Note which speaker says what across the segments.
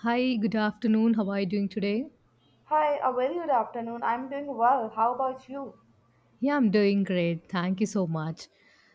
Speaker 1: Hi, good afternoon. How are you doing today?
Speaker 2: Hi, a very good afternoon. I'm doing well. How about you?
Speaker 1: Yeah, I'm doing great. Thank you so much.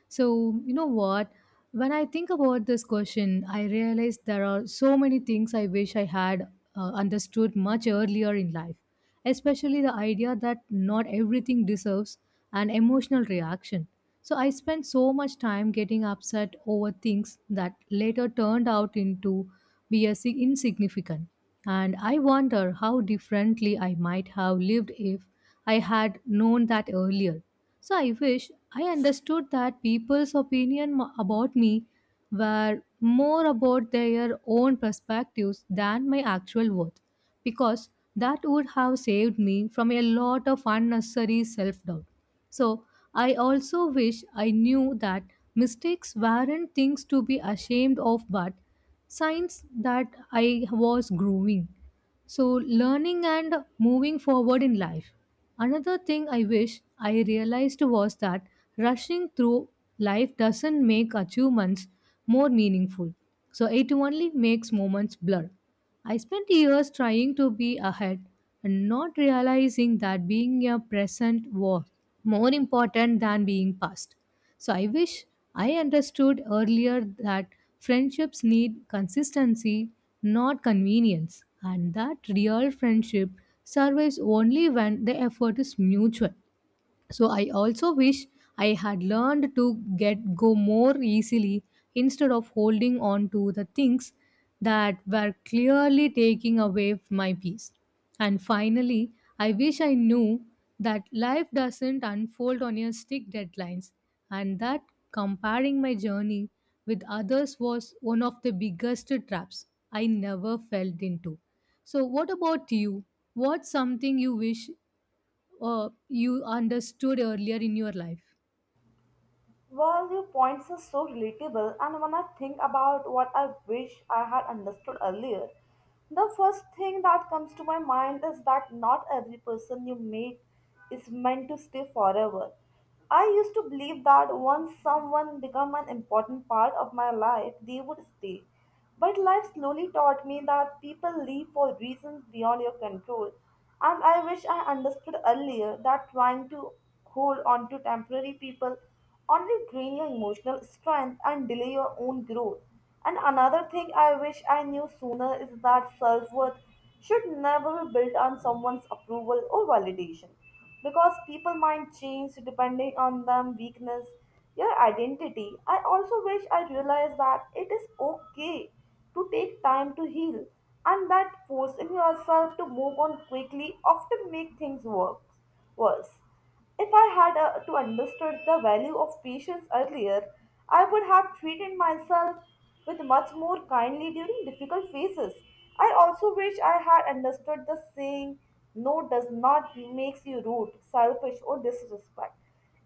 Speaker 1: So, you know what? When I think about this question, I realize there are so many things I wish I had understood much earlier in life, especially the idea that not everything deserves an emotional reaction. So, I spent so much time getting upset over things that later turned out into be a insignificant. And I wonder how differently I might have lived if I had known that earlier. So I wish I understood that people's opinion about me were more about their own perspectives than my actual worth, because that would have saved me from a lot of unnecessary self doubt. So I also wish I knew that mistakes weren't things to be ashamed of, but signs that I was growing. So, learning and moving forward in life. Another thing I wish I realized was that rushing through life doesn't make achievements more meaningful. So, it only makes moments blur. I spent years trying to be ahead and not realizing that being a present was more important than being past. So I wish I understood earlier that friendships need consistency, not convenience, and that real friendship survives only when the effort is mutual. So I also wish I had learned to get go more easily instead of holding on to the things that were clearly taking away my peace. And finally, I wish I knew that life doesn't unfold on your strict deadlines, and that comparing my journey with others was one of the biggest traps I never fell into. So what about you? What's something you wish you understood earlier in your life?
Speaker 2: Well, your points are so relatable, and when I think about what I wish I had understood earlier, the first thing that comes to my mind is that not every person you meet is meant to stay forever. I used to believe that once someone became an important part of my life, they would stay. But life slowly taught me that people leave for reasons beyond your control, and I wish I understood earlier that trying to hold on to temporary people only drain your emotional strength and delay your own growth. And another thing I wish I knew sooner is that self worth should never be built on someone's approval or validation, because people might change depending on them weakness your identity. I also wish I realized that it is okay to take time to heal, and that forcing yourself to move on quickly often make things work worse. If I had to understood the value of patience earlier, I would have treated myself with much more kindly during difficult phases. I also wish I had understood the saying, no does not makes you rude, selfish or disrespect.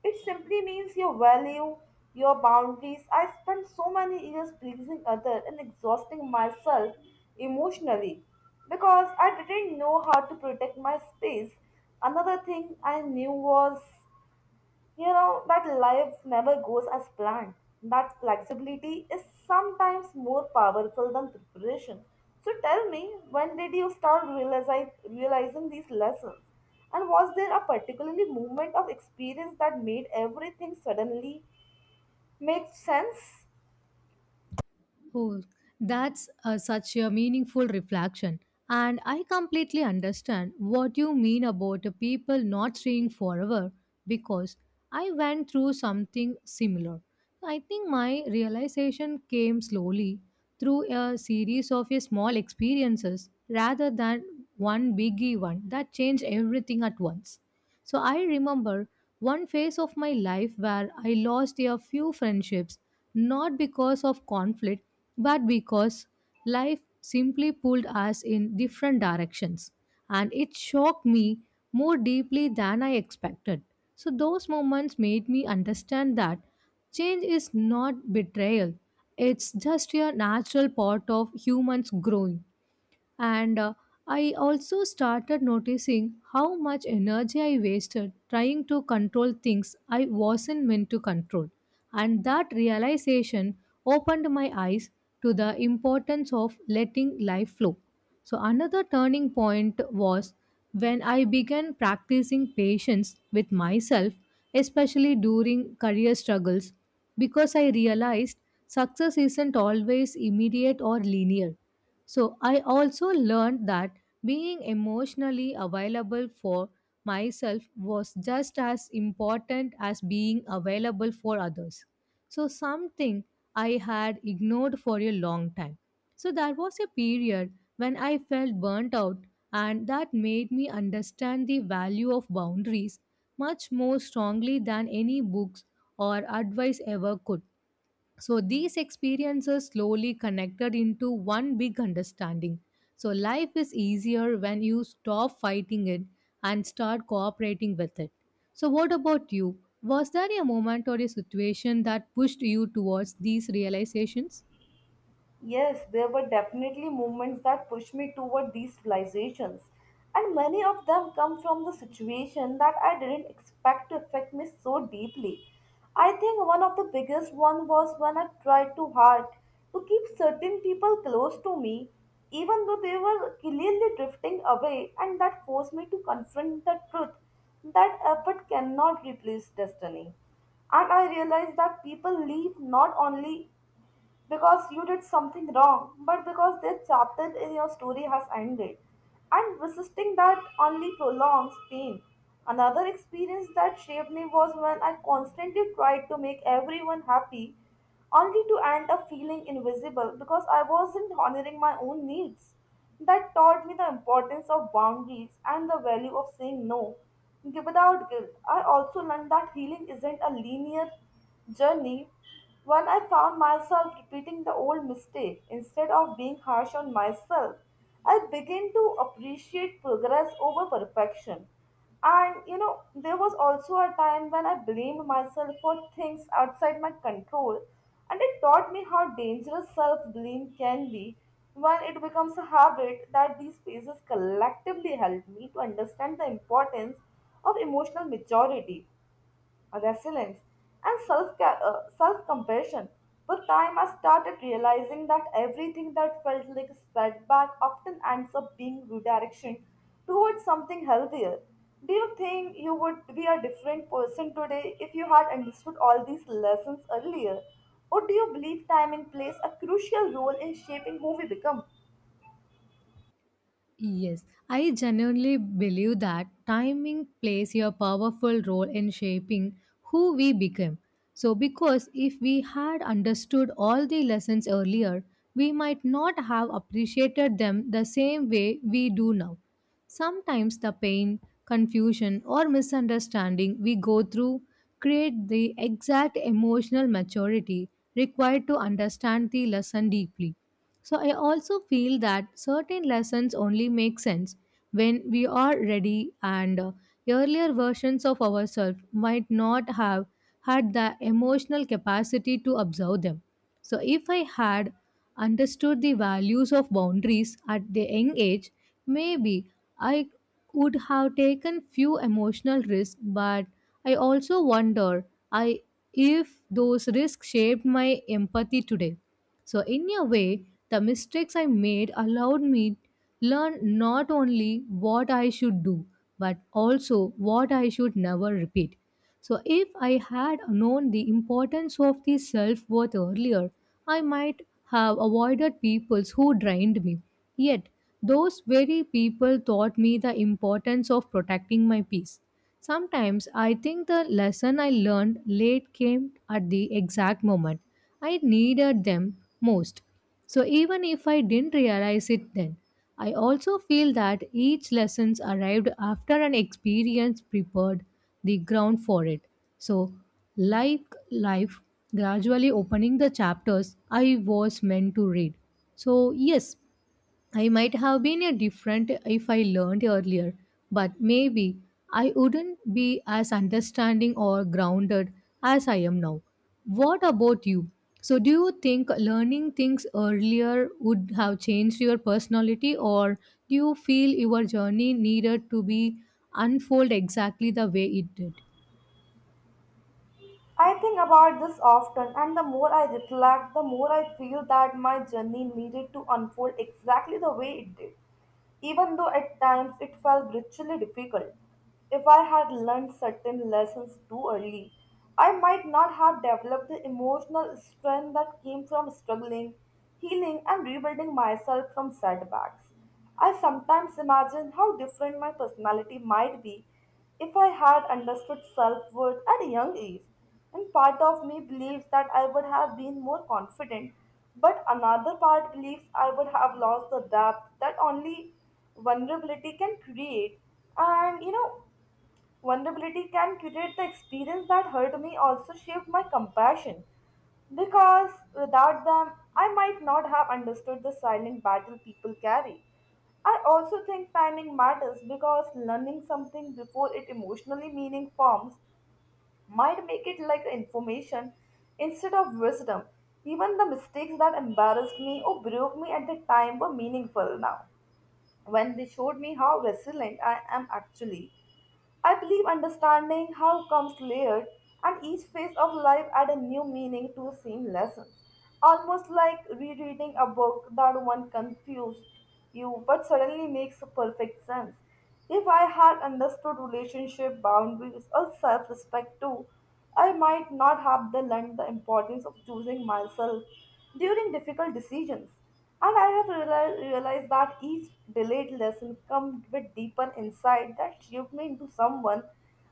Speaker 2: It simply means your value, your boundaries. I spent so many years pleasing others and exhausting myself emotionally because I didn't know how to protect my space. Another thing I knew was, you know, that life never goes as planned. That flexibility is sometimes more powerful than preparation. So tell me, when did you start realizing these lessons? And was there a particularly moment of experience that made everything suddenly make sense?
Speaker 1: Oh, that's such a meaningful reflection. And I completely understand what you mean about the people not staying forever because I went through something similar. I think my realization came slowly through a series of a small experiences rather than one biggie one that changed everything at once. So I remember one phase of my life where I lost a few friendships, not because of conflict, but because life simply pulled us in different directions. And it shocked me more deeply than I expected. So those moments made me understand that change is not betrayal, it's just a natural part of humans growing. And I also started noticing how much energy I wasted trying to control things I wasn't meant to control. And that realization opened my eyes to the importance of letting life flow. So, another turning point was when I began practicing patience with myself, especially during career struggles, because I realized success isn't always immediate or linear. So I also learned that being emotionally available for myself was just as important as being available for others. So something I had ignored for a long time. So there was a period when I felt burnt out and that made me understand the value of boundaries much more strongly than any books or advice ever could. So these experiences slowly connected into one big understanding. So life is easier when you stop fighting it and start cooperating with it. So what about you? Was there a moment or a situation that pushed you towards these realizations?
Speaker 2: Yes, there were definitely movements that pushed me toward these realizations, and many of them come from the situation that I didn't expect to affect me so deeply. I think one of the biggest one was when I tried too hard to keep certain people close to me, even though they were clearly drifting away, and that forced me to confront the truth that effort cannot replace destiny. And I realized that people leave not only because you did something wrong, but because their chapter in your story has ended. And resisting that only prolongs pain. Another experience that shaped me was when I constantly tried to make everyone happy, only to end up feeling invisible because I wasn't honoring my own needs. That taught me the importance of boundaries and the value of saying no without guilt. I also learned that healing isn't a linear journey. When I found myself repeating the old mistake instead of being harsh on myself, I began to appreciate progress over perfection. And you know, there was also a time when I blamed myself for things outside my control, and it taught me how dangerous self blame can be when it becomes a habit, that these phases collectively helped me to understand the importance of emotional maturity, resilience, and self self compassion. With time, I started realizing that everything that felt like a setback often ends up being redirection towards something healthier. Do you think you would be a different person today if you had understood all these lessons earlier? Or do you believe time plays a crucial role in shaping who we become?
Speaker 1: Yes, I genuinely believe that timing plays a powerful role in shaping who we become. So, because if we had understood all the lessons earlier, we might not have appreciated them the same way we do now. Sometimes the pain, confusion, or misunderstanding we go through create the exact emotional maturity required to understand the lesson deeply. So I also feel that certain lessons only make sense when we are ready, and earlier versions of ourselves might not have had the emotional capacity to observe them. So if I had understood the values of boundaries at the young age, maybe I would have taken few emotional risks, but I also wonder I if those risks shaped my empathy today. So in a way, the mistakes I made allowed me learn not only what I should do, but also what I should never repeat. So, if I had known the importance of the self worth earlier, I might have avoided peoples who drained me. Yet, those very people taught me the importance of protecting my peace. Sometimes I think the lesson I learned late came at the exact moment I needed them most. So, even if I didn't realize it then. I also feel that each lessons arrived after an experience prepared the ground for it. So, like life, gradually opening the chapters I was meant to read. So, yes, I might have been a different if I learned earlier, but maybe I wouldn't be as understanding or grounded as I am now. What about you? So, do you think learning things earlier would have changed your personality, or do you feel your journey needed to be unfold exactly the way it did?
Speaker 2: I think about this often, and the more I reflect, the more I feel that my journey needed to unfold exactly the way it did, even though at times it felt brutally difficult. If I had learned certain lessons too early, I might not have developed the emotional strength that came from struggling, healing, and rebuilding myself from setbacks. I sometimes imagine how different my personality might be if I had understood self worth at a young age, and part of me believes that I would have been more confident, but another part believes I would have lost the depth that only vulnerability can create. And you know, vulnerability can curate the experience that hurt me, also shaped my compassion. Because without them, I might not have understood the silent battle people carry. I also think timing matters because learning something before it emotionally meaning forms might make it like information instead of wisdom. Even the mistakes that embarrassed me or broke me at the time were meaningful now. When they showed me how resilient I am actually, I believe understanding how comes layered, and each phase of life add a new meaning to the same lesson. Almost like rereading a book that one confused you but suddenly makes perfect sense. If I had understood relationship boundaries or self-respect too, I might not have the learned the importance of choosing myself during difficult decisions. And I have realized that each delayed lesson comes with deeper insight that shaped me into someone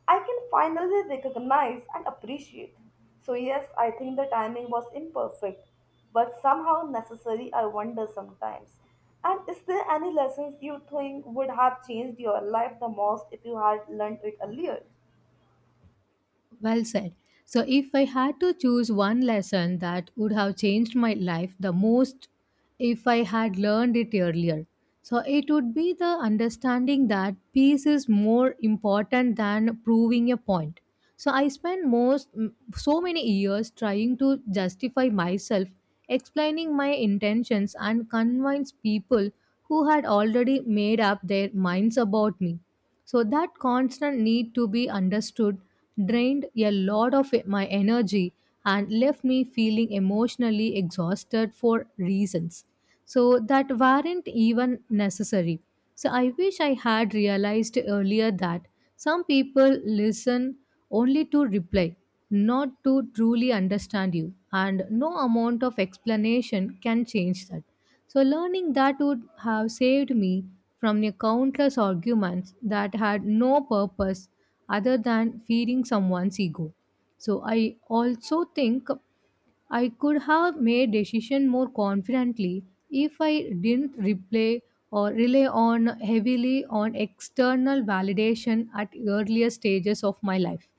Speaker 2: I can finally recognize and appreciate. So, yes, I think the timing was imperfect, but somehow necessary, I wonder sometimes. And is there any lessons you think would have changed your life the most if you had learned it earlier?
Speaker 1: Well said. So, if I had to choose one lesson that would have changed my life the most if I had learned it earlier, so it would be the understanding that peace is more important than proving a point. So, I spent so many years trying to justify myself, explaining my intentions, and convince people who had already made up their minds about me. So that constant need to be understood drained a lot of my energy and left me feeling emotionally exhausted for reasons. So that weren't even necessary. So I wish I had realized earlier that some people listen only to reply, not to truly understand you, and no amount of explanation can change that. So, learning that would have saved me from the countless arguments that had no purpose other than feeding someone's ego. So, I also think I could have made decision more confidently if I didn't replay or rely on heavily on external validation at earlier stages of my life.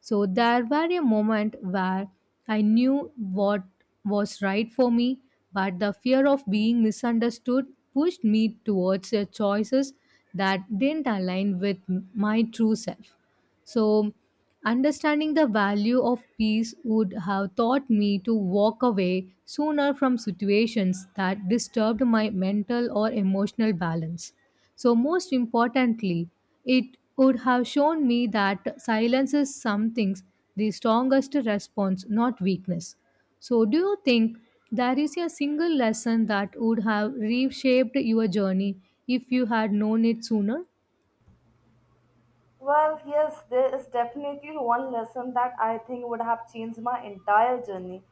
Speaker 1: So there were a moment where I knew what was right for me, but the fear of being misunderstood pushed me towards the choices that didn't align with my true self. So, understanding the value of peace would have taught me to walk away sooner from situations that disturbed my mental or emotional balance. So, most importantly, it would have shown me that silence is something the strongest response, not weakness. So, do you think there is a single lesson that would have reshaped your journey if you had known it sooner?
Speaker 2: Well, yes, there is definitely one lesson that I think would have changed my entire journey.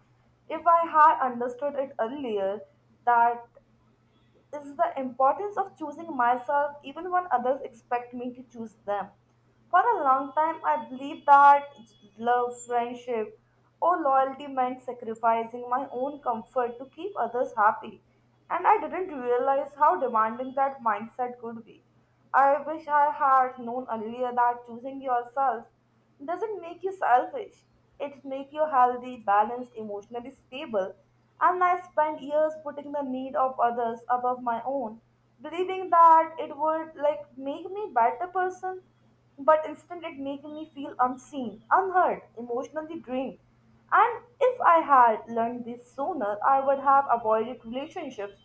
Speaker 2: If I had understood it earlier, that is the importance of choosing myself even when others expect me to choose them. For a long time, I believed that love, friendship, or loyalty meant sacrificing my own comfort to keep others happy, and I didn't realize how demanding that mindset could be. I wish I had known earlier that choosing yourself doesn't make you selfish. It make you healthy, balanced, emotionally stable. And I spent years putting the need of others above my own, believing that it would like make me better person, but instead it making me feel unseen, unheard, emotionally drained. And if I had learned this sooner, I would have avoided relationships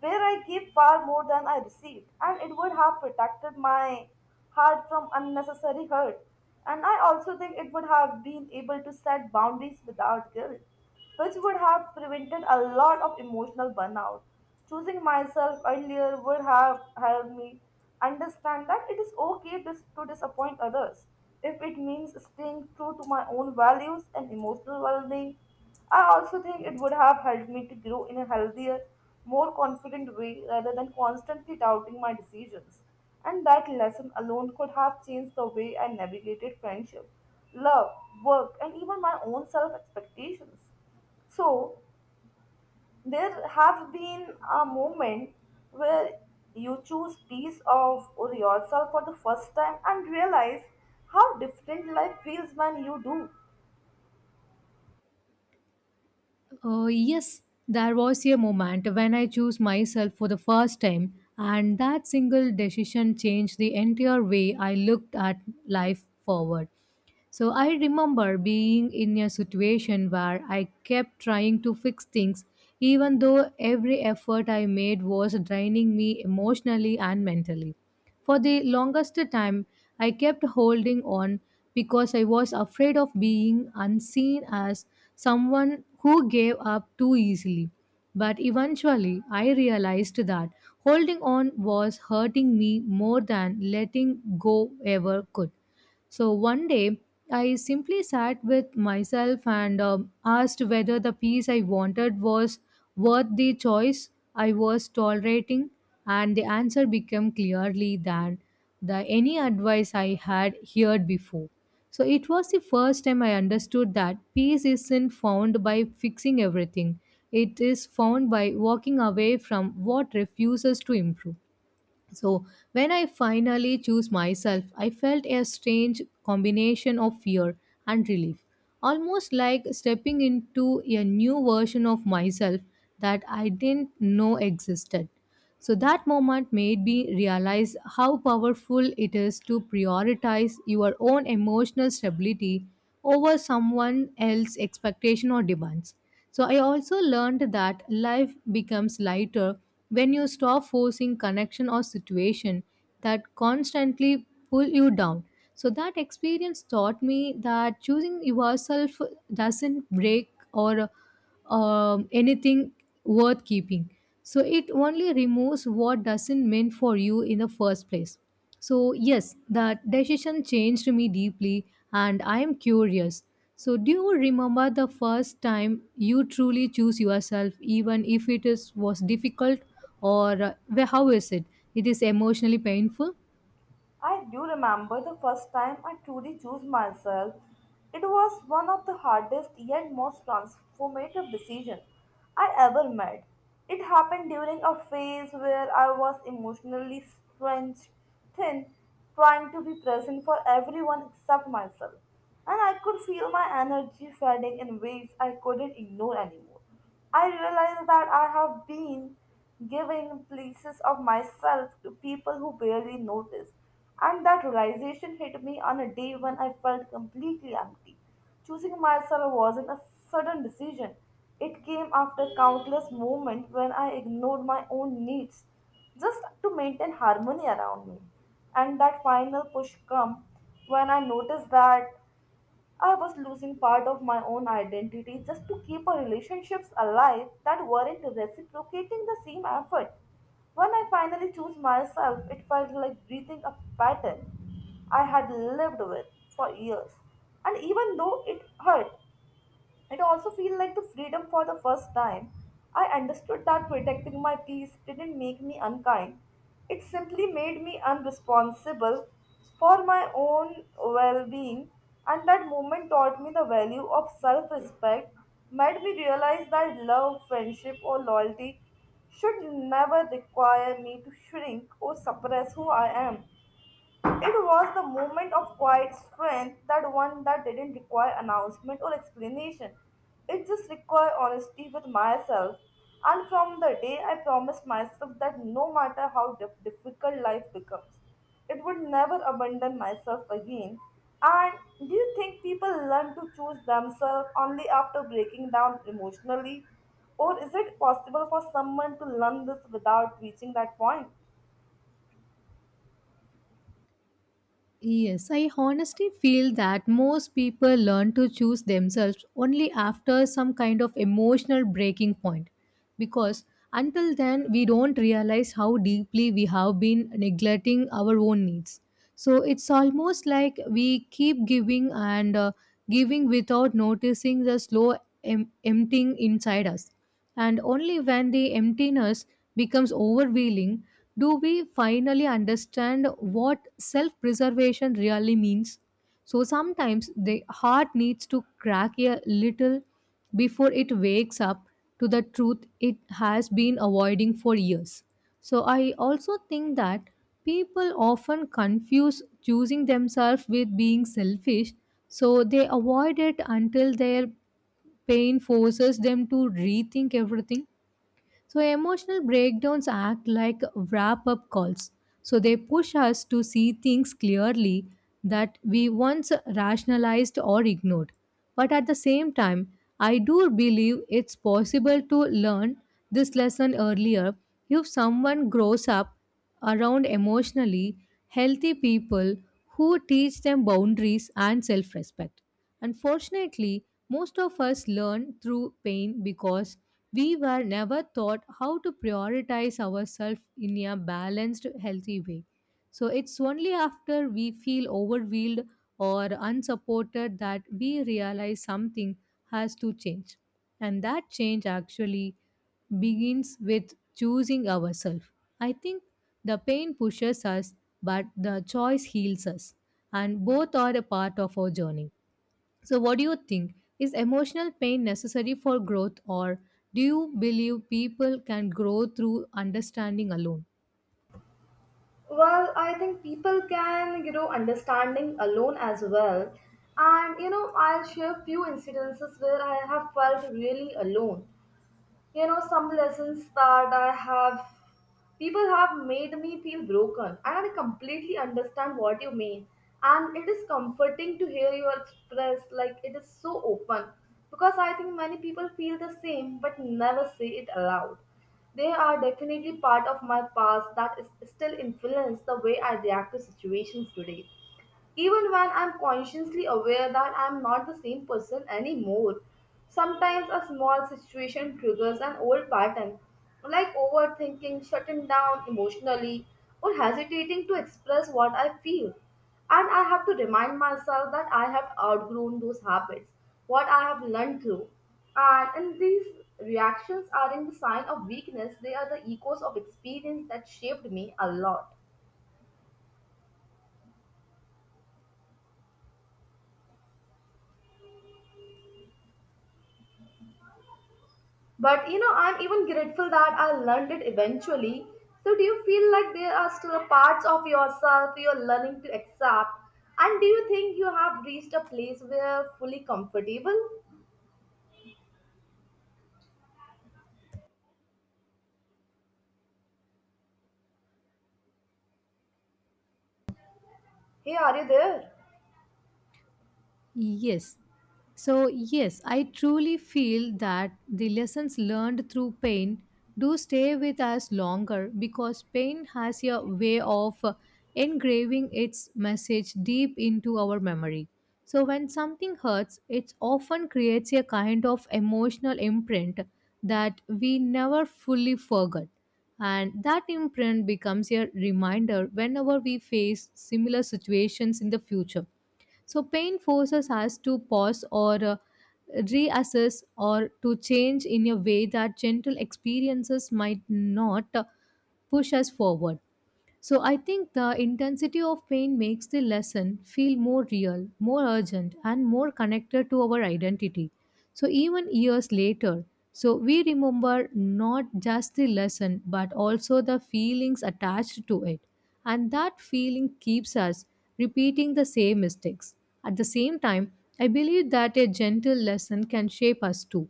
Speaker 2: where I gave far more than I received, and it would have protected my heart from unnecessary hurt. And I also think it would have been able to set boundaries without guilt, which would have prevented a lot of emotional burnout. Choosing myself earlier would have helped me understand that it is okay to disappoint others if it means staying true to my own values and emotional well being. I also think it would have helped me to grow in a healthier, more confident way rather than constantly doubting my decisions. And that lesson alone could have changed the way I navigated friendship, love, work, and even my own self expectations. So, there have been a moment where you choose peace of or yourself for the first time and realize how different life feels when you do.
Speaker 1: Yes, there was a moment when I chose myself for the first time, and that single decision changed the entire way I looked at life forward. So I remember being in a situation where I kept trying to fix things, even though every effort I made was draining me emotionally and mentally. For the longest time, I kept holding on because I was afraid of being unseen as someone who gave up too easily. But eventually, I realized that holding on was hurting me more than letting go ever could. So one day, I simply sat with myself and asked whether the peace I wanted was worth the choice I was tolerating, and the answer became clearly than the any advice I had heard before. So it was the first time I understood that peace isn't found by fixing everything. It is found by walking away from what refuses to improve. So, when I finally chose myself, I felt a strange combination of fear and relief, almost like stepping into a new version of myself that I didn't know existed. So, that moment made me realize how powerful it is to prioritize your own emotional stability over someone else's expectation or demands. So I also learned that life becomes lighter when you stop forcing connection or situation that constantly pull you down. So that experience taught me that choosing yourself doesn't break or anything worth keeping. So it only removes what doesn't mean for you in the first place. So yes, that decision changed me deeply and I am curious. So do you remember the first time you truly choose yourself even if it is was difficult or how is it? It is emotionally painful?
Speaker 2: I do remember the first time I truly chose myself. It was one of the hardest yet most transformative decisions I ever made. It happened during a phase where I was emotionally stretched thin, trying to be present for everyone except myself, and I could feel my energy fading in ways I couldn't ignore anymore. I realize that I have been giving pieces of myself to people who barely notice, and that realization hit me on a day when I felt completely empty. Choosing myself wasn't a sudden decision, it came after countless moments when I ignored my own needs just to maintain harmony around me. And that final push come when I noticed that I was losing part of my own identity just to keep a relationships alive that weren't reciprocating the same effort. When I finally chose myself, it felt like breathing a pattern I had lived with for years. And even though it hurt, it also feels like the freedom for the first time. I understood that protecting my peace didn't make me unkind. It simply made me unresponsible for my own well being, and that moment taught me the value of self respect, made me realize that love, friendship, or loyalty should never require me to shrink or suppress who I am. It was the moment of quiet strength, that one that didn't require announcement or explanation. It just required honesty with myself. And from the day I promised myself that no matter how difficult life becomes, it would never abandon myself again. And do you think people learn to choose themselves only after breaking down emotionally? Or is it possible for someone to learn this without reaching that point?
Speaker 1: Yes, I honestly feel that most people learn to choose themselves only after some kind of emotional breaking point. Because until then, we don't realize how deeply we have been neglecting our own needs. So it's almost like we keep giving and giving without noticing the slow emptying inside us, and only when the emptiness becomes overwhelming do we finally understand what self preservation really means. So sometimes the heart needs to crack a little before it wakes up to the truth it has been avoiding for years. So I also think that people often confuse choosing themselves with being selfish, so they avoid it until their pain forces them to rethink everything. So, emotional breakdowns act like wrap up calls. So, they push us to see things clearly that we once rationalized or ignored. But at the same time, I do believe it's possible to learn this lesson earlier if someone grows up around emotionally healthy people who teach them boundaries and self respect. Unfortunately, most of us learn through pain because we were never taught how to prioritize ourselves in a balanced, healthy way. So it's only after we feel overwhelmed or unsupported that we realize something has to change. And that change actually begins with choosing ourselves. I think the pain pushes us, but the choice heals us. And both are a part of our journey. So, what do you think? Is emotional pain necessary for growth, or do you believe people can grow through understanding alone?
Speaker 2: Well, I think people can, you know, understanding alone as well. I'll share few incidences where I have felt really alone, some lessons that I have people have made me feel broken, and I completely understand what you mean. And it is comforting to hear you express, like it is so open, because I think many people feel the same but never say it aloud. They are definitely part of my past that is still influence the way I react to situations today, even when I'm consciously aware that I'm not the same person anymore. Sometimes a small situation triggers an old pattern, like overthinking, shutting down emotionally, or hesitating to express what I feel. And I have to remind myself that I have outgrown those habits, what I have learned through. And these reactions aren't the sign of weakness, they are the echoes of experience that shaped me a lot. I'm even grateful that I learned it eventually. So, do you feel like there are still parts of yourself you're learning to accept? And do you think you have reached a place where you're fully comfortable? Hey, are you there?
Speaker 1: Yes. So, yes, I truly feel that the lessons learned through pain do stay with us longer because pain has a way of engraving its message deep into our memory. So, when something hurts, it often creates a kind of emotional imprint that we never fully forget. And that imprint becomes a reminder whenever we face similar situations in the future. So, pain forces us to pause or reassess or to change in a way that gentle experiences might not push us forward. So I think the intensity of pain makes the lesson feel more real, more urgent, and more connected to our identity. So even years later, so we remember not just the lesson but also the feelings attached to it. And that feeling keeps us repeating the same mistakes. At the same time, I believe that a gentle lesson can shape us too.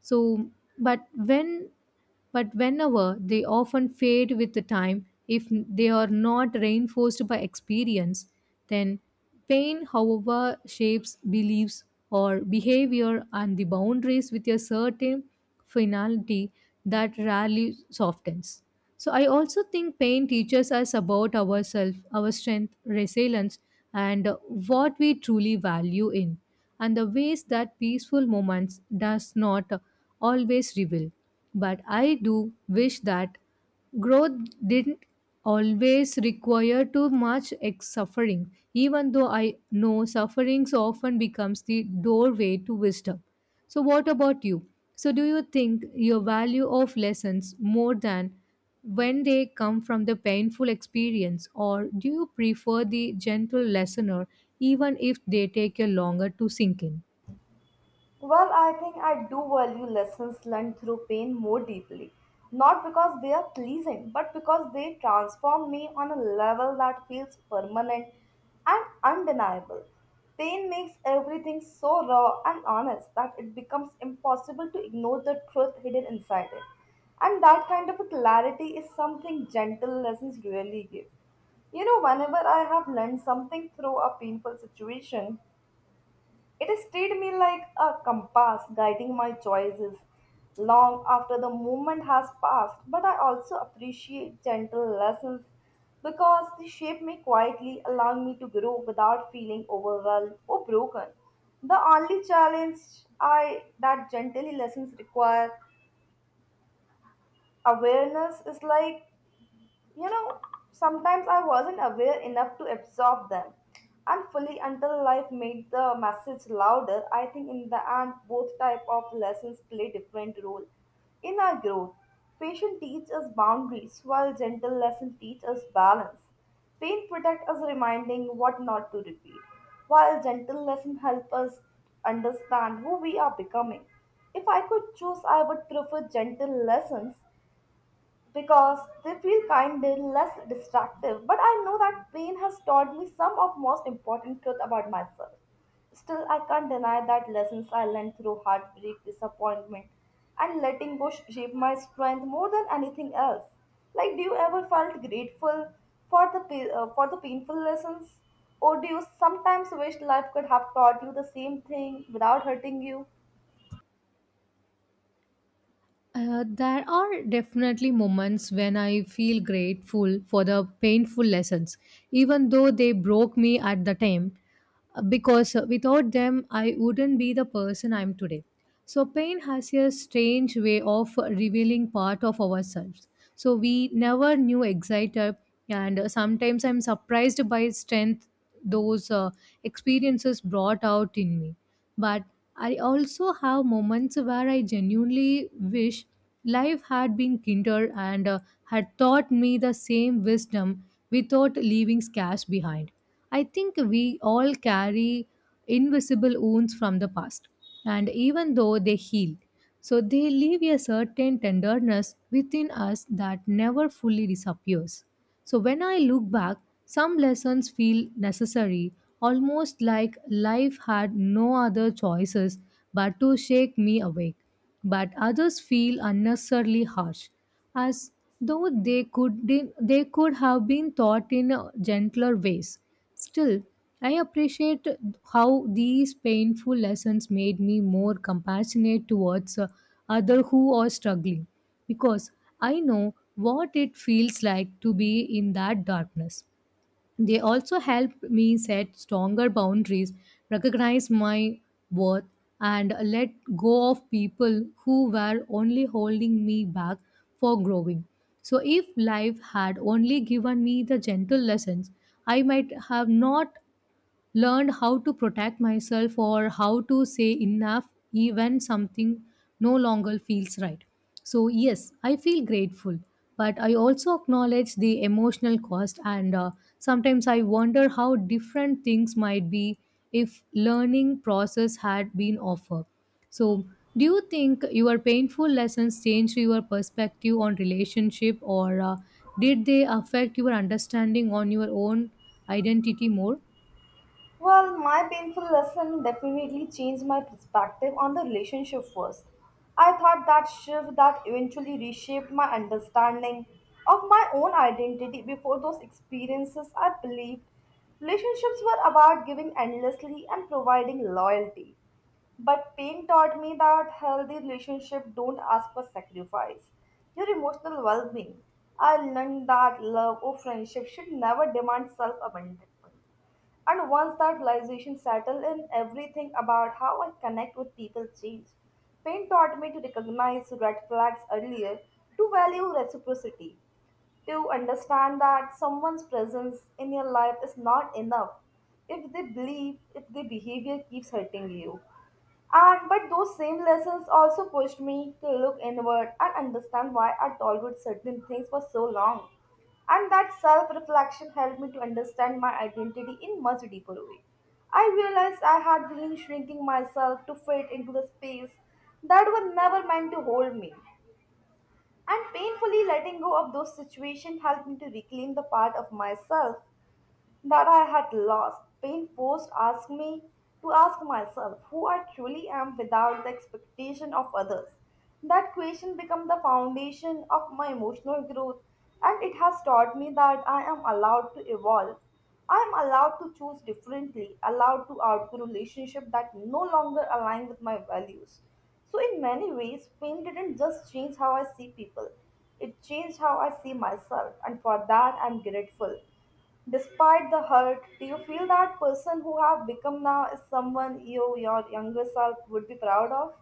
Speaker 1: So, but when but whenever they often fade with the time if they are not reinforced by experience, then pain however shapes beliefs or behavior and the boundaries with a certain finality that rarely softens. So I also think pain teaches us about ourselves, our strength, resilience, and what we truly value in, and the ways that peaceful moments does not always reveal. But I do wish that growth didn't always require too suffering, even though I know sufferings often becomes the doorway to wisdom. So, what about you? So, do you think your value of lessons more than when they come from the painful experience, or do you prefer the gentle lessoner even if they take a longer to sink in?
Speaker 2: Well, I think I do value lessons learned through pain more deeply. Not because they are pleasing, but because they transform me on a level that feels permanent and undeniable. Pain makes everything so raw and honest that it becomes impossible to ignore the truth hidden inside it. And that kind of a clarity is something gentle lessons really give. Whenever I have learned something through a painful situation, it stayed me like a compass guiding my choices long after the moment has passed. But I also appreciate gentle lessons because they shape me quietly, allowing me to grow without feeling overwhelmed or broken. The only challenge I that gentle lessons require awareness is you know, sometimes I wasn't aware enough to absorb them, and fully until life made the message louder. I think in the end, both type of lessons play different role in our growth. Patient teach us boundaries, while gentle lesson teach us balance. Pain protect us, reminding what not to repeat, while gentle lesson help us understand who we are becoming. If I could choose, I would prefer gentle lessons because they feel kinder, less distractive. But I know that pain has taught me some of most important truth about myself. Still, I can't deny that lessons I learned through heartbreak, disappointment, and letting go shape my strength more than anything else. Like, do you ever felt grateful for the painful lessons, or do you sometimes wish life could have taught you the same thing without hurting you?
Speaker 1: There are definitely moments when I feel grateful for the painful lessons, even though they broke me at the time. Because without them, I wouldn't be the person I am today. So, pain has a strange way of revealing part of ourselves. So, we never knew excited, and sometimes I'm surprised by strength those experiences brought out in me. But I also have moments where I genuinely wish life had been kinder and had taught me the same wisdom without leaving scars behind. I think we all carry invisible wounds from the past, and even though they heal, so they leave a certain tenderness within us that never fully disappears. So when I look back, some lessons feel necessary, almost like life had no other choices but to shake me awake, but others feel unnecessarily harsh as though they could have been taught in gentler ways. Still, I appreciate how these painful lessons made me more compassionate towards other who are struggling, because I know what it feels like to be in that darkness. They also helped me set stronger boundaries, recognize my worth, and let go of people who were only holding me back for growing. So, if life had only given me the gentle lessons, I might have not learned how to protect myself or how to say enough even something no longer feels right. So yes, I feel grateful, but I also acknowledge the emotional cost, and sometimes I wonder how different things might be if learning process had been offered. So, do you think your painful lessons changed your perspective on relationship, or did they affect your understanding on your own identity more?
Speaker 2: Well, my painful lesson definitely changed my perspective on the relationship first. I thought that shift that eventually reshaped my understanding of my own identity before those experiences I believed relationships were about giving endlessly and providing loyalty. But pain taught me that healthy relationships don't ask for sacrifice. Your emotional well being. I learned that love or friendship should never demand self abandonment. And once that realization settled in, everything about how I connect with people changed. Pain taught me to recognize red flags earlier, to value reciprocity, to understand that someone's presence in your life is not enough if they believe, if their behavior keeps hurting you. And but those same lessons also pushed me to look inward and understand why I tolerated certain things for so long. And that self-reflection helped me to understand my identity in much deeper way. I realized I had been shrinking myself to fit into the space that was never meant to hold me, and painfully letting go of those situations helped me to reclaim the part of myself that I had lost. Pain forced asked me to ask myself who I truly am without the expectation of others. That question became the foundation of my emotional growth, and it has taught me that I am allowed to evolve. I am allowed to choose differently, allowed to outgrow relationships that no longer align with my values. So, in many ways, pain didn't just change how I see people, it changed how I see myself, and for that, I'm grateful. Despite the hurt, do you feel that person who have become now is someone you, your younger self, would be proud of?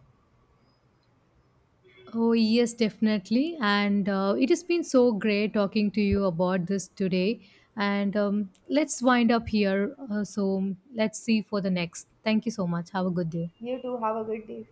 Speaker 1: Oh, yes, definitely. And it has been so great talking to you about this today. And let's wind up here. So let's see for the next. Thank you so much. Have a good day.
Speaker 2: You too. Have a good day.